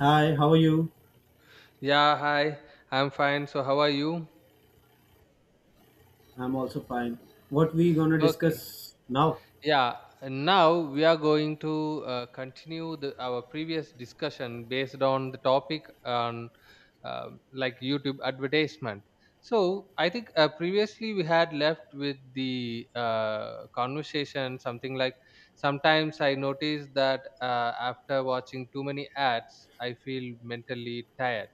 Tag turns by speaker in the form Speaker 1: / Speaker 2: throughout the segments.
Speaker 1: Hi, how are you?
Speaker 2: Yeah, hi. I'm fine. So how are you?
Speaker 1: I'm also fine. What we gonna
Speaker 2: Okay.
Speaker 1: discuss now?
Speaker 2: Yeah, and now we are going to continue our previous discussion based on the topic on like YouTube advertisement. So I think previously we had left with the conversation something like sometimes I notice that after watching too many ads I feel mentally tired.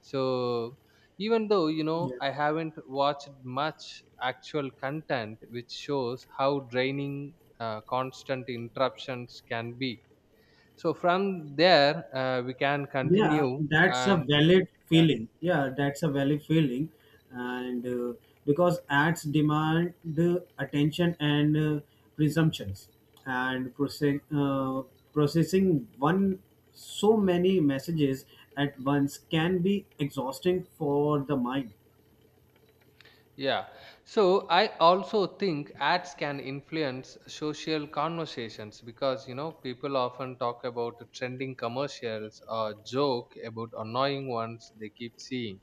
Speaker 2: So even though you know
Speaker 1: Yes.
Speaker 2: I haven't watched much actual content, which shows how draining constant interruptions can be. So from there, we can
Speaker 1: Yeah,
Speaker 2: continue
Speaker 1: that's a
Speaker 2: and
Speaker 1: valid
Speaker 2: yeah.
Speaker 1: feeling. Yeah, that's a valid feeling, and because ads demand attention and presumptions, and processing one so many messages at once can be exhausting for the mind.
Speaker 2: Yeah. So I also think ads can influence social conversations because you know people often talk about trending commercials or joke about annoying ones they keep seeing.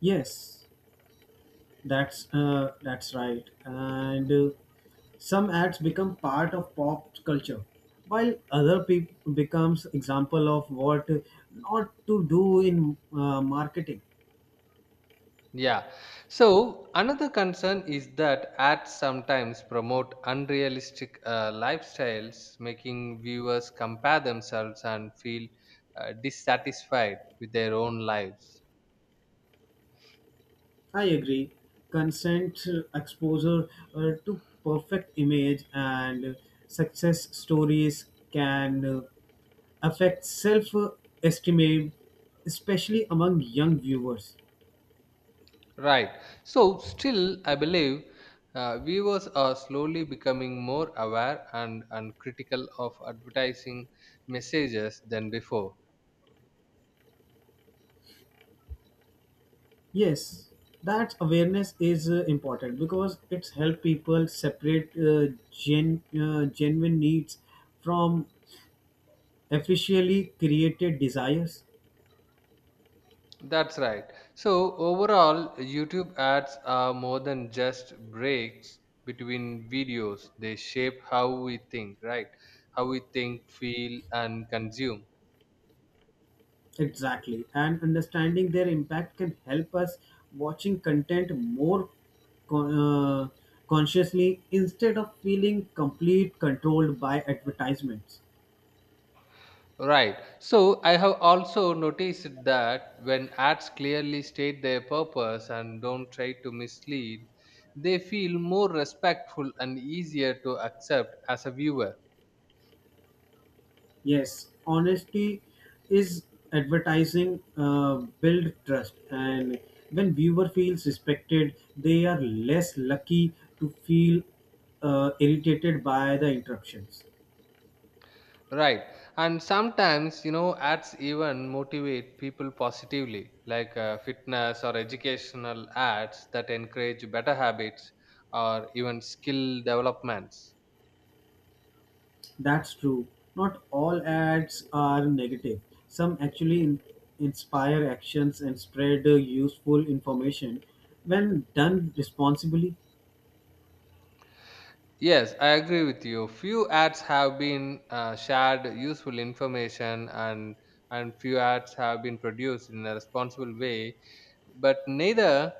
Speaker 1: Yes, that's right. And some acts become part of pop culture, while other peop becomes example of what not to do in marketing.
Speaker 2: Yeah. So another concern is that ads sometimes promote unrealistic lifestyles, making viewers compare themselves and feel dissatisfied with their own lives.
Speaker 1: I agree. Consent exposure to perfect image and success stories can affect self-esteem, especially among young viewers.
Speaker 2: Right. So still, I believe viewers are slowly becoming more aware and critical of advertising messages than before.
Speaker 1: Yes, that awareness is important because it's help people separate genuine needs from artificially created desires.
Speaker 2: That's right. So overall, YouTube ads are more than just breaks between videos. They shape how we think, right? How we think, feel, and consume.
Speaker 1: Exactly, and understanding their impact can help us watching content more con- uh, consciously instead of feeling complete controlled by advertisements.
Speaker 2: Right. So I have also noticed that when ads clearly state their purpose and don't try to mislead, they feel more respectful and easier to accept as a viewer.
Speaker 1: Yes, honesty is advertising build trust, and when viewer feels respected, they are less lucky to feel irritated by the interruptions.
Speaker 2: Right. And sometimes, you know, ads even motivate people positively, like fitness or educational ads that encourage better habits or even skill developments.
Speaker 1: That's true. Not all ads are negative. Some actually inspire actions and spread useful information when done responsibly.
Speaker 2: Yes, I agree with you. Few ads have been shared useful information, and few ads have been produced in a responsible way, but neither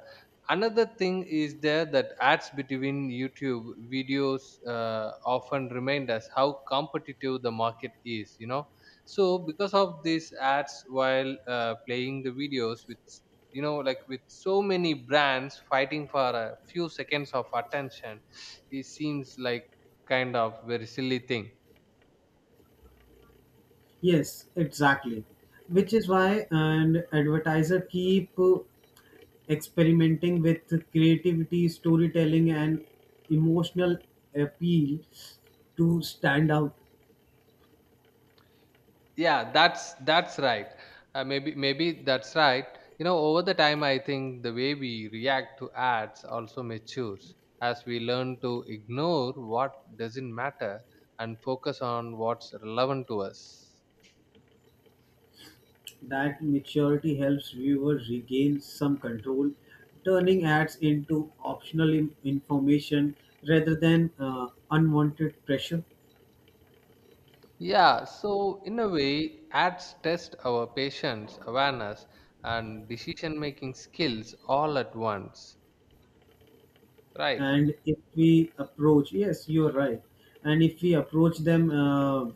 Speaker 2: another thing is there that ads between YouTube videos often remind us how competitive the market is, you know, so because of these ads while playing the videos with, you know, like with so many brands fighting for a few seconds of attention, it seems like kind of very silly thing.
Speaker 1: Yes, exactly. Which is why an advertiser keep experimenting with creativity, storytelling, and emotional appeal to stand out.
Speaker 2: Yeah, that's right. Maybe that's right. You know, over the time I think the way we react to ads also matures as we learn to ignore what doesn't matter and focus on what's relevant to us.
Speaker 1: That maturity helps viewers regain some control, turning ads into optional information rather than unwanted pressure.
Speaker 2: Yeah, so in a way ads test our patience, awareness, and decision making skills all at once, right?
Speaker 1: And if we approach yes you're right and if we approach them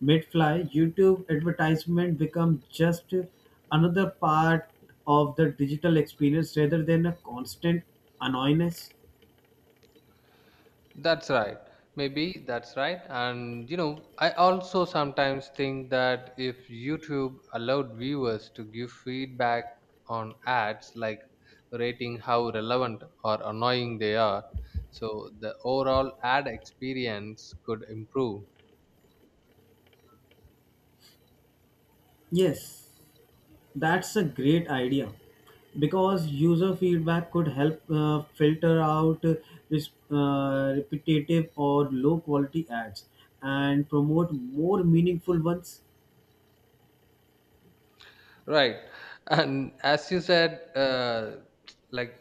Speaker 1: mid-fly YouTube advertisement become just another part of the digital experience rather than a constant annoyance.
Speaker 2: That's right. Maybe that's right. And you know, I also sometimes think that if YouTube allowed viewers to give feedback on ads, like rating how relevant or annoying they are, so the overall ad experience could improve.
Speaker 1: Yes, that's a great idea because user feedback could help filter out repetitive or low quality ads and promote more meaningful ones.
Speaker 2: Right. And as you said, like,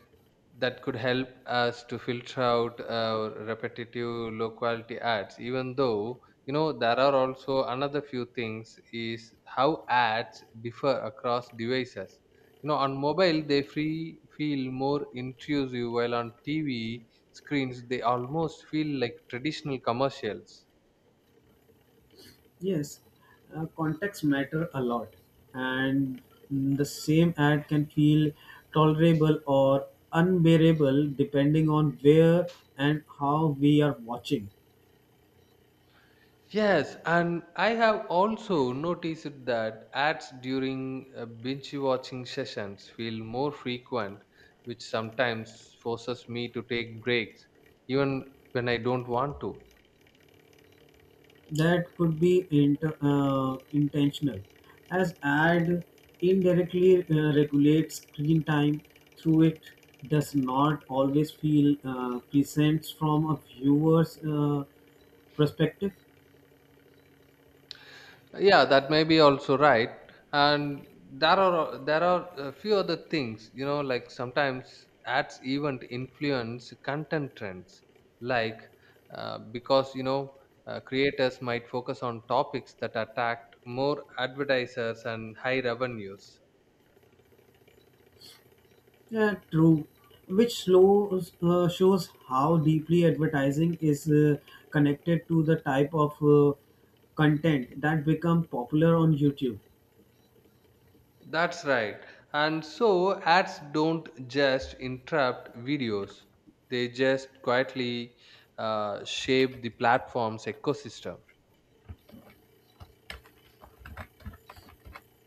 Speaker 2: that could help us to filter out repetitive low quality ads, even though, you know, there are also another few things is how ads differ across devices. You know, on mobile, they free feel more intrusive, while on TV screens, they almost feel like traditional commercials.
Speaker 1: Yes, contacts matter a lot, and the same ad can feel tolerable or unbearable depending on where and how we are watching.
Speaker 2: Yes, and I have also noticed that ads during binge watching sessions feel more frequent, which sometimes forces me to take breaks, even when I don't want to.
Speaker 1: That could be intentional, as ad indirectly regulates screen time through it does not always feel presents from a viewer's perspective.
Speaker 2: Yeah, that may be also right. And there are a few other things, you know, like sometimes ads even influence content trends, like because you know creators might focus on topics that attract more advertisers and high revenues.
Speaker 1: Yeah, true. Which shows how deeply advertising is connected to the type of content that become popular on YouTube.
Speaker 2: That's right. And so ads don't just interrupt videos; they just quietly shape the platform's ecosystem.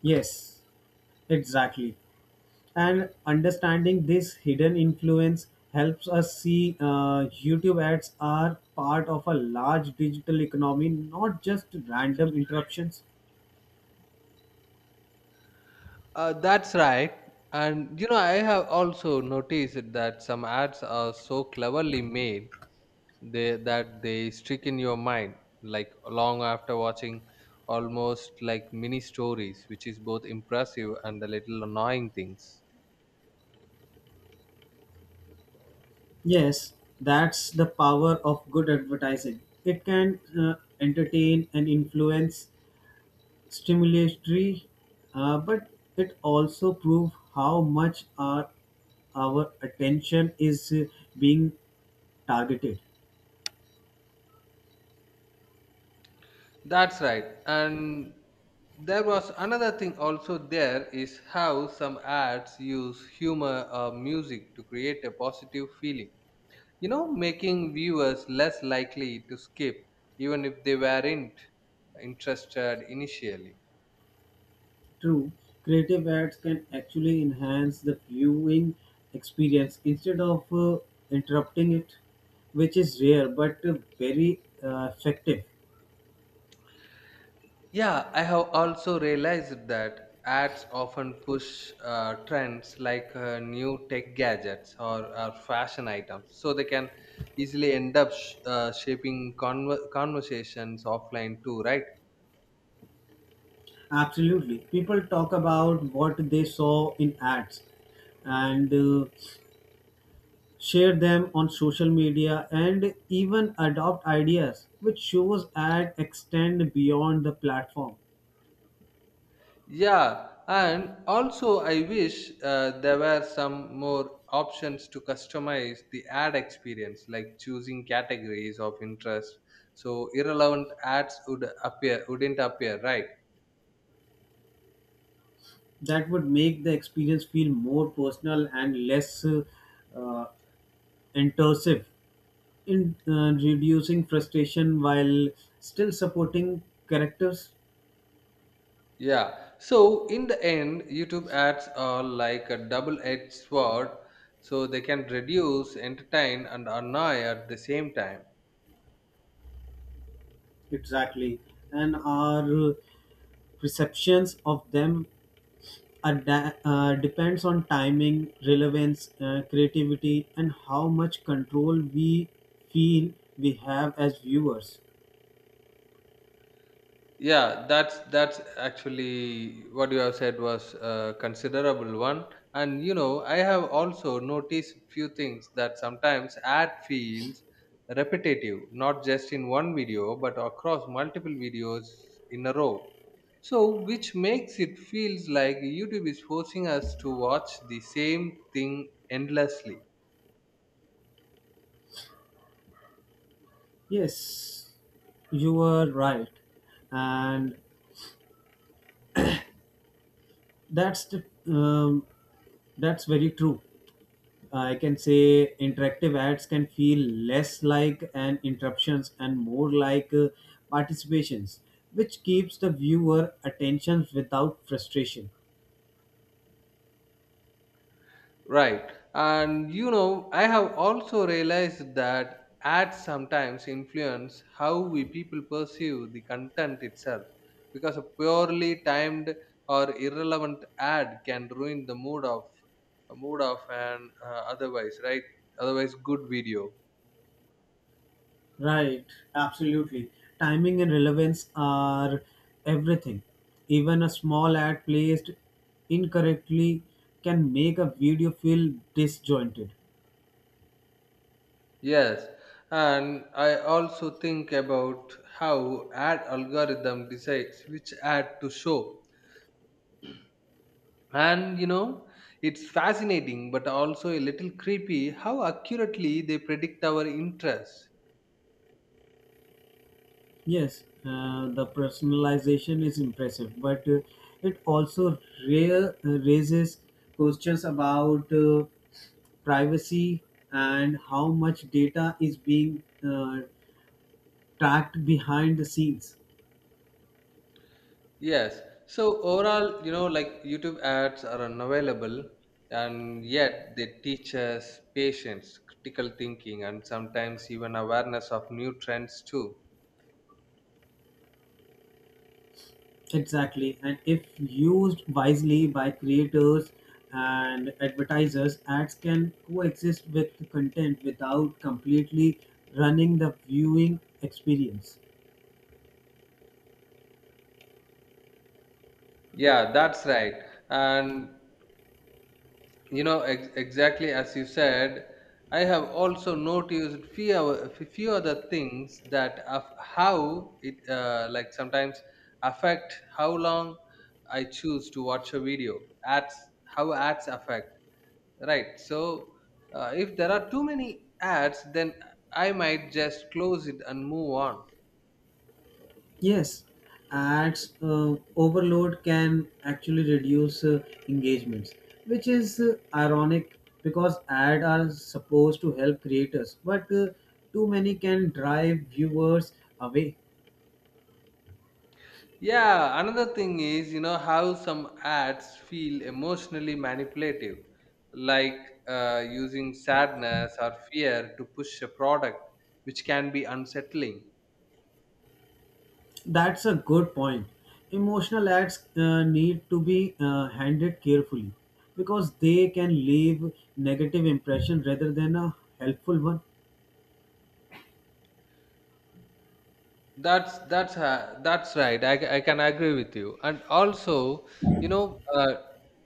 Speaker 1: Yes, exactly. And understanding this hidden influence helps us see YouTube ads are part of a large digital economy, not just random interruptions.
Speaker 2: That's right. And you know, I have also noticed that some ads are so cleverly made that they stick in your mind, like long after watching, almost like mini stories, which is both impressive and a little annoying things.
Speaker 1: Yes, that's the power of good advertising. It can entertain and influence stimulatory, but it also proves how much our attention is being targeted.
Speaker 2: That's right. And there was another thing also there is how some ads use humor or music to create a positive feeling, you know, making viewers less likely to skip even if they weren't interested initially.
Speaker 1: True, creative ads can actually enhance the viewing experience instead of interrupting it, which is rare but very effective.
Speaker 2: Yeah, I have also realized that ads often push trends like new tech gadgets or fashion items, so they can easily end up shaping conversations offline too, right?
Speaker 1: Absolutely, people talk about what they saw in ads, and share them on social media, and even adopt ideas which shows ad extend beyond the platform.
Speaker 2: Yeah, and also I wish there were some more options to customize the ad experience, like choosing categories of interest. So irrelevant ads would appear, wouldn't appear, right?
Speaker 1: That would make the experience feel more personal and less uh, intrusive in reducing frustration while still supporting characters.
Speaker 2: Yeah. So in the end, YouTube ads are like a double-edged sword, so they can reduce, entertain, and annoy at the same time.
Speaker 1: Exactly, and our perceptions of them depends on timing, relevance, creativity, and how much control we feel we have as viewers.
Speaker 2: Yeah, that's actually what you have said was a considerable one. And you know, I have also noticed few things that sometimes ad feels repetitive, not just in one video but across multiple videos in a row, so which makes it feels like YouTube is forcing us to watch the same thing endlessly.
Speaker 1: Yes, you are right, and that's the um, that's very true. I can say interactive ads can feel less like an interruptions and more like participations, which keeps the viewer attention without frustration.
Speaker 2: Right. And you know, I have also realized that ads sometimes influence how we people perceive the content itself because a purely timed or irrelevant ad can ruin the mood of a mood of an otherwise right otherwise good video.
Speaker 1: Right, absolutely. Timing and relevance are everything. Even a small ad placed incorrectly can make a video feel disjointed.
Speaker 2: Yes, and I also think about how ad algorithm decides which ad to show. And you know, it's fascinating but also a little creepy how accurately they predict our interests.
Speaker 1: Yes, the personalization is impressive, but it also raises questions about privacy and how much data is being uh, tracked behind the scenes.
Speaker 2: Yes. So overall, you know, like YouTube ads are unavailable and yet they teach us patience, critical thinking, and sometimes even awareness of new trends too.
Speaker 1: Exactly, and if used wisely by creators and advertisers, ads can coexist with the content without completely running the viewing experience.
Speaker 2: Yeah, that's right. And you know, exactly as you said, I have also noticed few other things that of how it like sometimes affect how long I choose to watch a video. Ads, how ads affect, right? So if there are too many ads, then I might just close it and move on.
Speaker 1: Yes, ads overload can actually reduce engagements, which is ironic because ads are supposed to help creators, but too many can drive viewers away.
Speaker 2: Yeah, another thing is, you know, how some ads feel emotionally manipulative, like using sadness or fear to push a product, which can be unsettling.
Speaker 1: That's a good point. Emotional acts need to be handled carefully because they can leave negative impression rather than a helpful one.
Speaker 2: That's right. I can agree with you. And also, you know,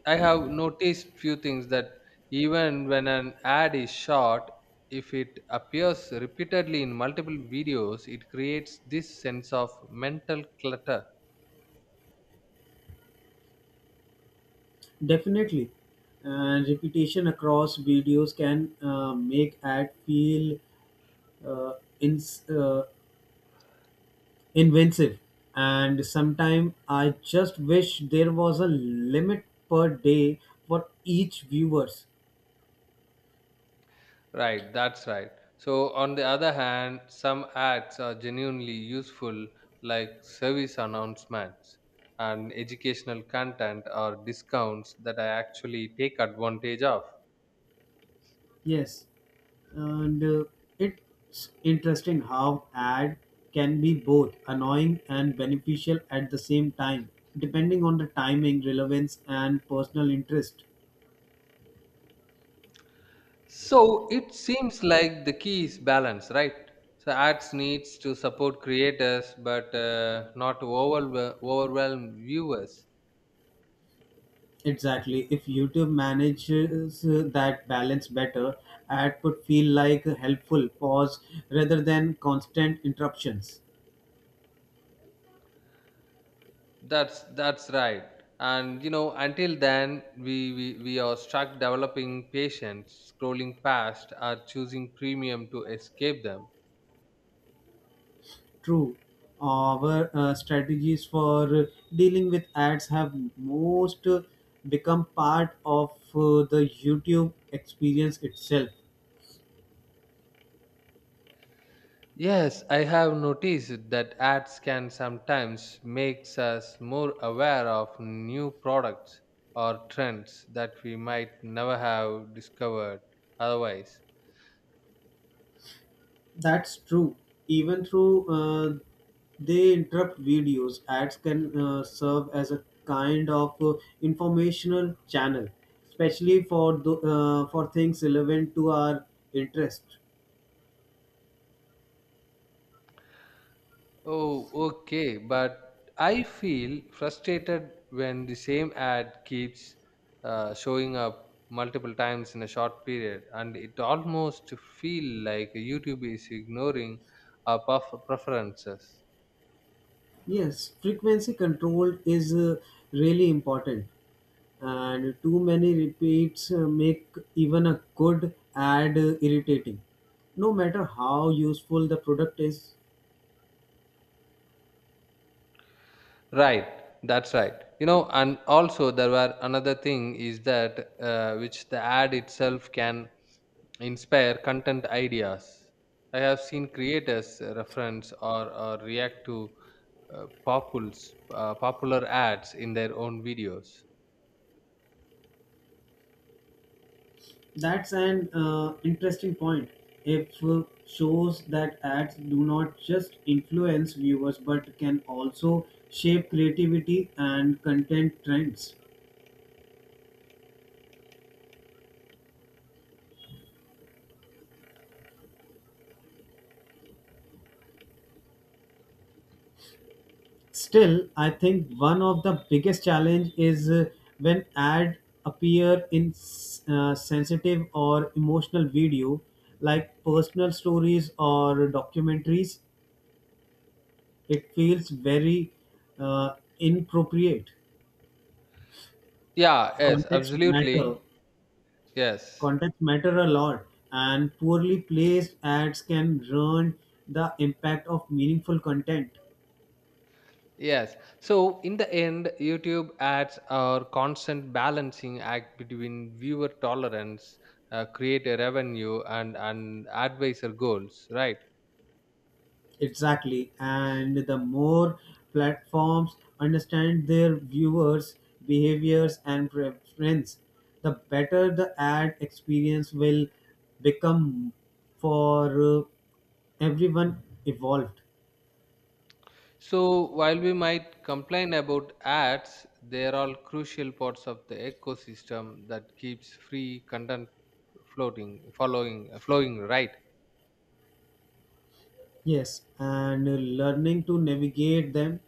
Speaker 2: I have noticed few things that even when an ad is shot, if it appears repeatedly in multiple videos, it creates this sense of mental clutter.
Speaker 1: Definitely, and repetition across videos can make ad feel uh, ins inventive. And sometimes I just wish there was a limit per day for each viewers.
Speaker 2: Right, that's right. So, on the other hand, some ads are genuinely useful, like service announcements and educational content or discounts that I actually take advantage of.
Speaker 1: Yes, and it's interesting how ad can be both annoying and beneficial at the same time, depending on the timing, relevance, and personal interest.
Speaker 2: So, it seems like the key is balance, right? So, ads needs to support creators but not overwhelm viewers.
Speaker 1: Exactly. If YouTube manages that balance better, ad could feel like a helpful pause rather than constant interruptions.
Speaker 2: That's right. And you know, until then, we are stuck developing patience, scrolling past, or choosing premium to escape them.
Speaker 1: True. Our strategies for dealing with ads have most become part of the YouTube experience itself.
Speaker 2: Yes, I have noticed that ads can sometimes makes us more aware of new products or trends that we might never have discovered otherwise.
Speaker 1: That's true. Even through they interrupt videos, ads can serve as a kind of informational channel, especially for for things relevant to our interest.
Speaker 2: Oh, okay. But I feel frustrated when the same ad keeps showing up multiple times in a short period, and it almost feel like YouTube is ignoring our preferences.
Speaker 1: Yes, frequency control is really important, and too many repeats make even a good ad irritating no matter how useful the product is.
Speaker 2: Right, that's right. You know, and also there were another thing is that which the ad itself can inspire content ideas. I have seen creators reference or react to popular ads in their own videos.
Speaker 1: That's an interesting point. If shows that ads do not just influence viewers but can also shape creativity and content trends. Still, I think one of the biggest challenge is when ad appear in sensitive or emotional video like personal stories or documentaries. It feels very uh, inappropriate.
Speaker 2: Yeah, yes,
Speaker 1: Context
Speaker 2: absolutely.
Speaker 1: matter.
Speaker 2: Yes,
Speaker 1: Context matter a lot, and poorly placed ads can ruin the impact of meaningful content.
Speaker 2: yes. So, in the end, YouTube ads are constant balancing act between viewer tolerance, creator revenue, and advisor goals, right?
Speaker 1: Exactly. And the more platforms understand their viewers' behaviors and preference, the better the ad experience will become for everyone evolved.
Speaker 2: So, while we might complain about ads, they are all crucial parts of the ecosystem that keeps free content floating, following, flowing, right?
Speaker 1: Yes, and learning to navigate them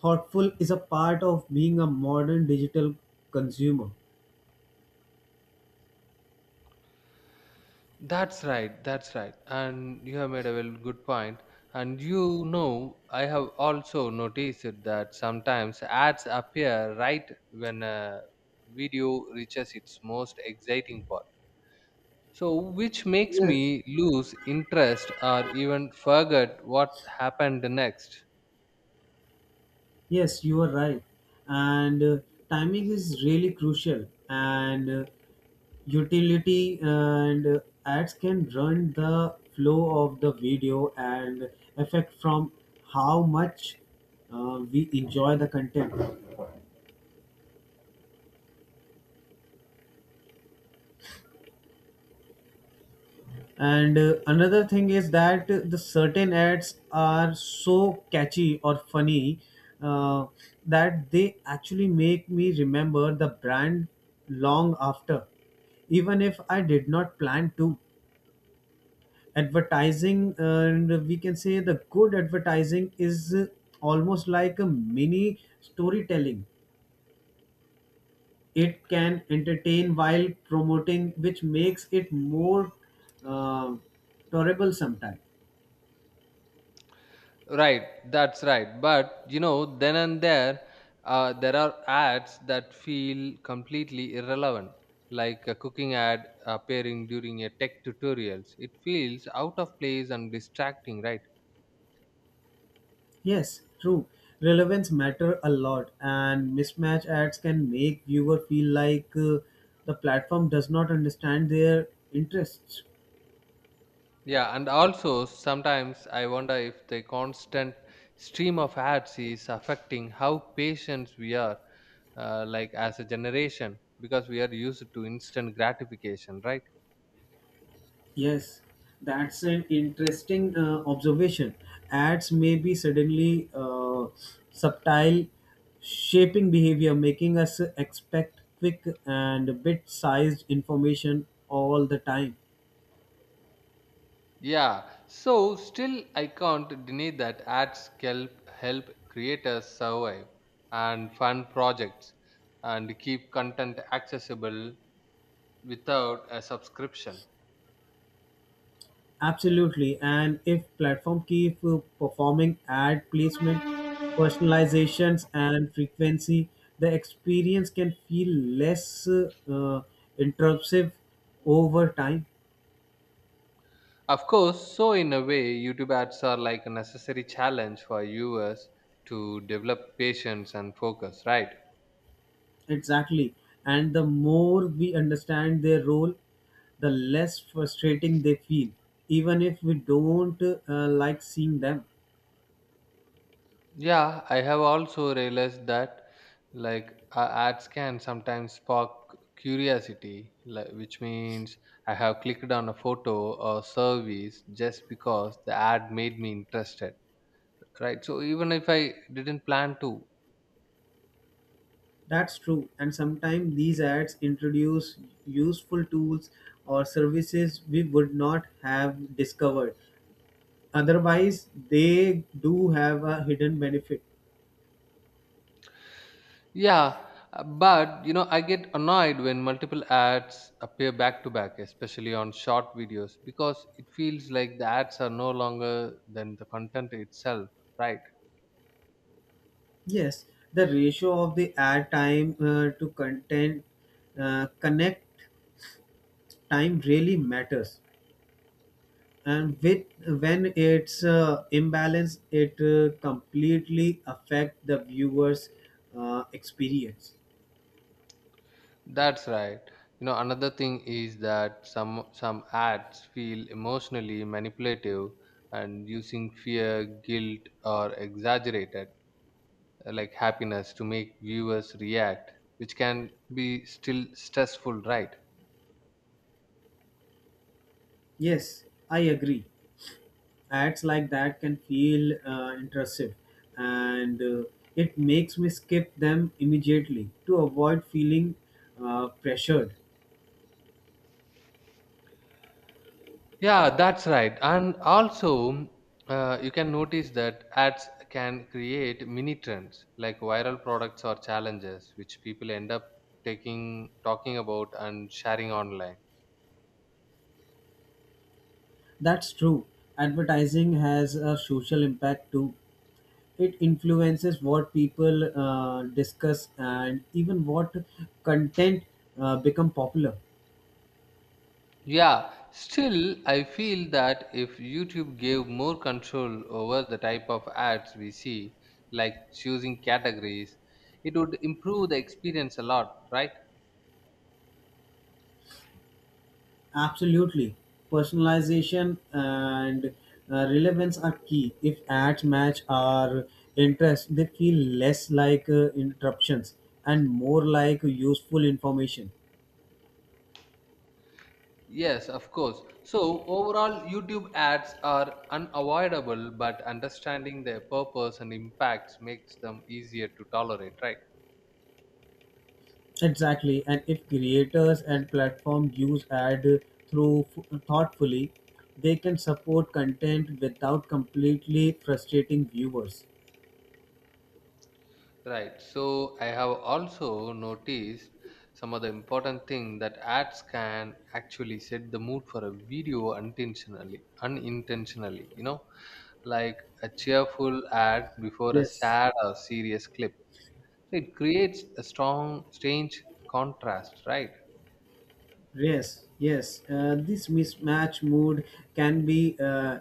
Speaker 1: thoughtful is a part of being a modern digital consumer.
Speaker 2: That's right. And you have made a well good point. And you know, I have also noticed that sometimes ads appear right when a video reaches its most exciting part. So, which makes
Speaker 1: Yes,
Speaker 2: me lose interest or even forget what happened next.
Speaker 1: yes, you are right. And timing is really crucial. And utility and ads can run the flow of the video and affect from how much we enjoy the content. And another thing is that the certain ads are so catchy or funny uh, that they actually make me remember the brand long after, even if I did not plan to. Advertising, and we can say the good advertising is almost like a mini storytelling. It can entertain while promoting, which makes it more uh, tolerable sometimes.
Speaker 2: Right, that's right. But you know, then and there, there are ads that feel completely irrelevant, like a cooking ad appearing during a tech tutorials. It feels out of place and distracting, right?
Speaker 1: Yes, true. Relevance matter a lot, and mismatch ads can make viewer feel like the platform does not understand their interests.
Speaker 2: Yeah, and also sometimes I wonder if the constant stream of ads is affecting how patient we are, like as a generation, because we are used to instant gratification, right?
Speaker 1: Yes, that's an interesting observation. Ads may be suddenly subtle, shaping behavior, making us expect quick and bit-sized information all the time.
Speaker 2: Yeah, so still I can't deny that ads help creators survive and fund projects and keep content accessible without a subscription.
Speaker 1: Absolutely. And if platform keep performing ad placement, personalizations, and frequency, the experience can feel less intrusive over time.
Speaker 2: Of course, so in a way, YouTube ads are like a necessary challenge for viewers to develop patience and focus, right?
Speaker 1: Exactly. And the more we understand their role, the less frustrating they feel, even if we don't like seeing them.
Speaker 2: Yeah, I have also realized that like ads can sometimes spark curiosity, like, which means I have clicked on a photo or service just because the ad made me interested, right? So even if I didn't plan to,
Speaker 1: That's true, and sometimes these ads introduce useful tools or services we would not have discovered. Otherwise, they do have a hidden benefit.
Speaker 2: yeah, but you know, I get annoyed when multiple ads appear back to back, especially on short videos, because it feels like the ads are no longer than the content itself, right?
Speaker 1: Yes, the ratio of the ad time to content connect time really matters, and with when it's imbalanced, it completely affect the viewer's experience.
Speaker 2: That's right. You know, another thing is that some ads feel emotionally manipulative and using fear, guilt, or exaggerated like happiness to make viewers react, which can be still stressful, right?
Speaker 1: Yes, I agree. Ads like that can feel intrusive and it makes me skip them immediately to avoid feeling pressured.
Speaker 2: Yeah, that's right. And also, you can notice that ads can create mini trends like viral products or challenges, which people end up taking talking about and sharing online.
Speaker 1: That's true. Advertising has a social impact too. It influences what people discuss and even what content become popular.
Speaker 2: Yeah, still, I feel that if YouTube gave more control over the type of ads we see, like choosing categories, it would improve the experience a lot, right?
Speaker 1: Absolutely. Personalization and relevance are key. If ads match our interests, they feel less like interruptions and more like useful information.
Speaker 2: Yes, of course. So, overall, YouTube ads are unavoidable, but understanding their purpose and impacts makes them easier to tolerate, right?
Speaker 1: Exactly. And if creators and platform use ad through thoughtfully, they can support content without completely frustrating viewers.
Speaker 2: Right. So I have also noticed some of the important thing that ads can actually set the mood for a video unintentionally, you know, like a cheerful ad before a
Speaker 1: Yes.
Speaker 2: sad or serious clip. So it creates a strange contrast, right?
Speaker 1: Yes, yes. This mismatch mood can be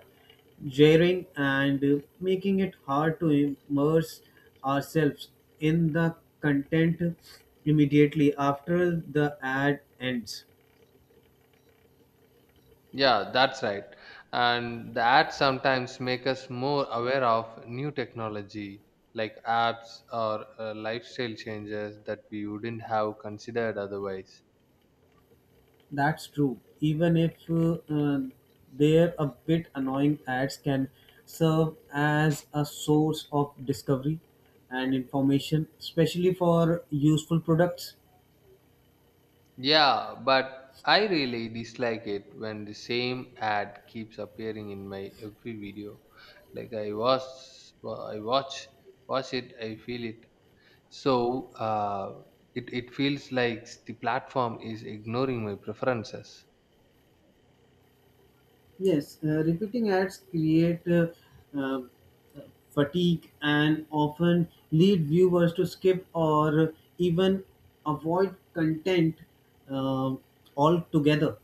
Speaker 1: jarring and making it hard to immerse ourselves in the content immediately after the ad ends.
Speaker 2: Yeah, that's right. And the ads sometimes make us more aware of new technology like apps or lifestyle changes that we wouldn't have considered otherwise.
Speaker 1: That's true. Even if they're a bit annoying, ads can serve as a source of discovery and information, especially for useful products.
Speaker 2: Yeah, but I really dislike it when the same ad keeps appearing in my every video. Like I watch, I watch, watch it, I feel it. So it feels like the platform is ignoring my preferences.
Speaker 1: Yes, repeating ads create uh, fatigue and often lead viewers to skip or even avoid content uh, altogether.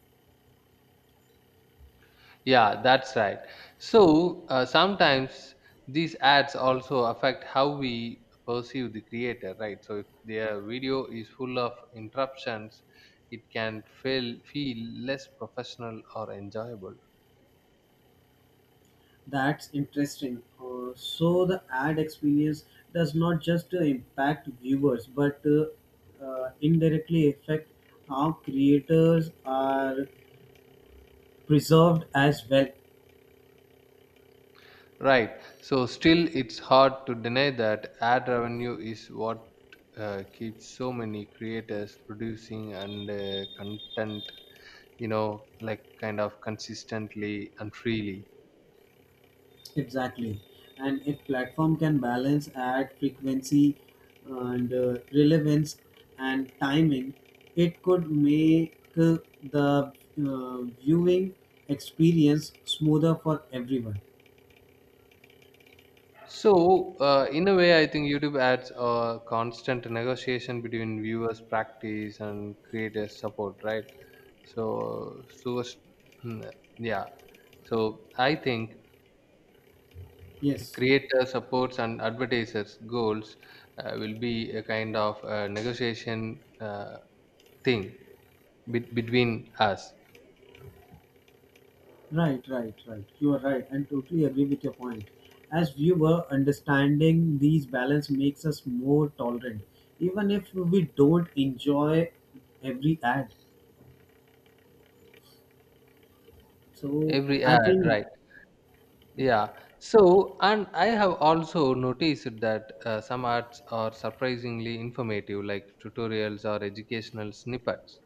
Speaker 2: Yeah, that's right. So sometimes these ads also affect how we perceive the creator, right? So if their video is full of interruptions, it can feel less professional or enjoyable,
Speaker 1: That's interesting. So the ad experience does not just impact viewers but indirectly affect how creators are preserved as well.
Speaker 2: right? So still, it's hard to deny that ad revenue is what keeps so many creators producing and content, you know, like kind of consistently and freely.
Speaker 1: Exactly. And if platform can balance ad frequency and relevance and timing, it could make the viewing experience smoother for everyone.
Speaker 2: So, in a way, I think YouTube adds a constant negotiation between viewers' practice and creators' support, right? So, so s- hmm, yeah. So, I think
Speaker 1: Yes.
Speaker 2: creator supports and advertisers' goals will be a kind of negotiation thing between us.
Speaker 1: Right, right, right. You are right and totally agree with your point. As viewer, understanding these balance makes us more tolerant, even if we don't enjoy every ad. So
Speaker 2: Every
Speaker 1: I
Speaker 2: ad,
Speaker 1: think
Speaker 2: right? Yeah. So, and I have also noticed that some arts are surprisingly informative, like tutorials or educational snippets.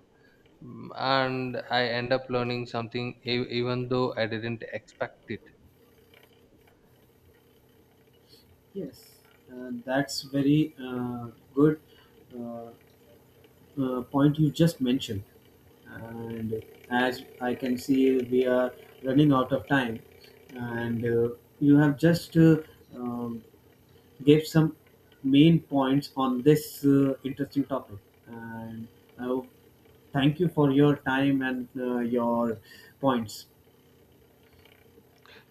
Speaker 2: Mm, and I end up learning something even though I didn't expect it.
Speaker 1: yes, that's very good uh, point you just mentioned. And as I can see, we are running out of time, and you have just um, gave some main points on this interesting topic. And I would thank you for your time and your points.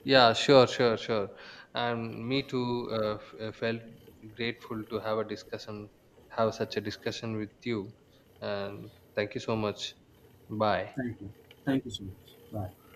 Speaker 2: Yeah, sure, sure, sure. And me too felt grateful to have such a discussion with you. And thank you so much. Bye.
Speaker 1: Thank you. Thank you so much. Bye.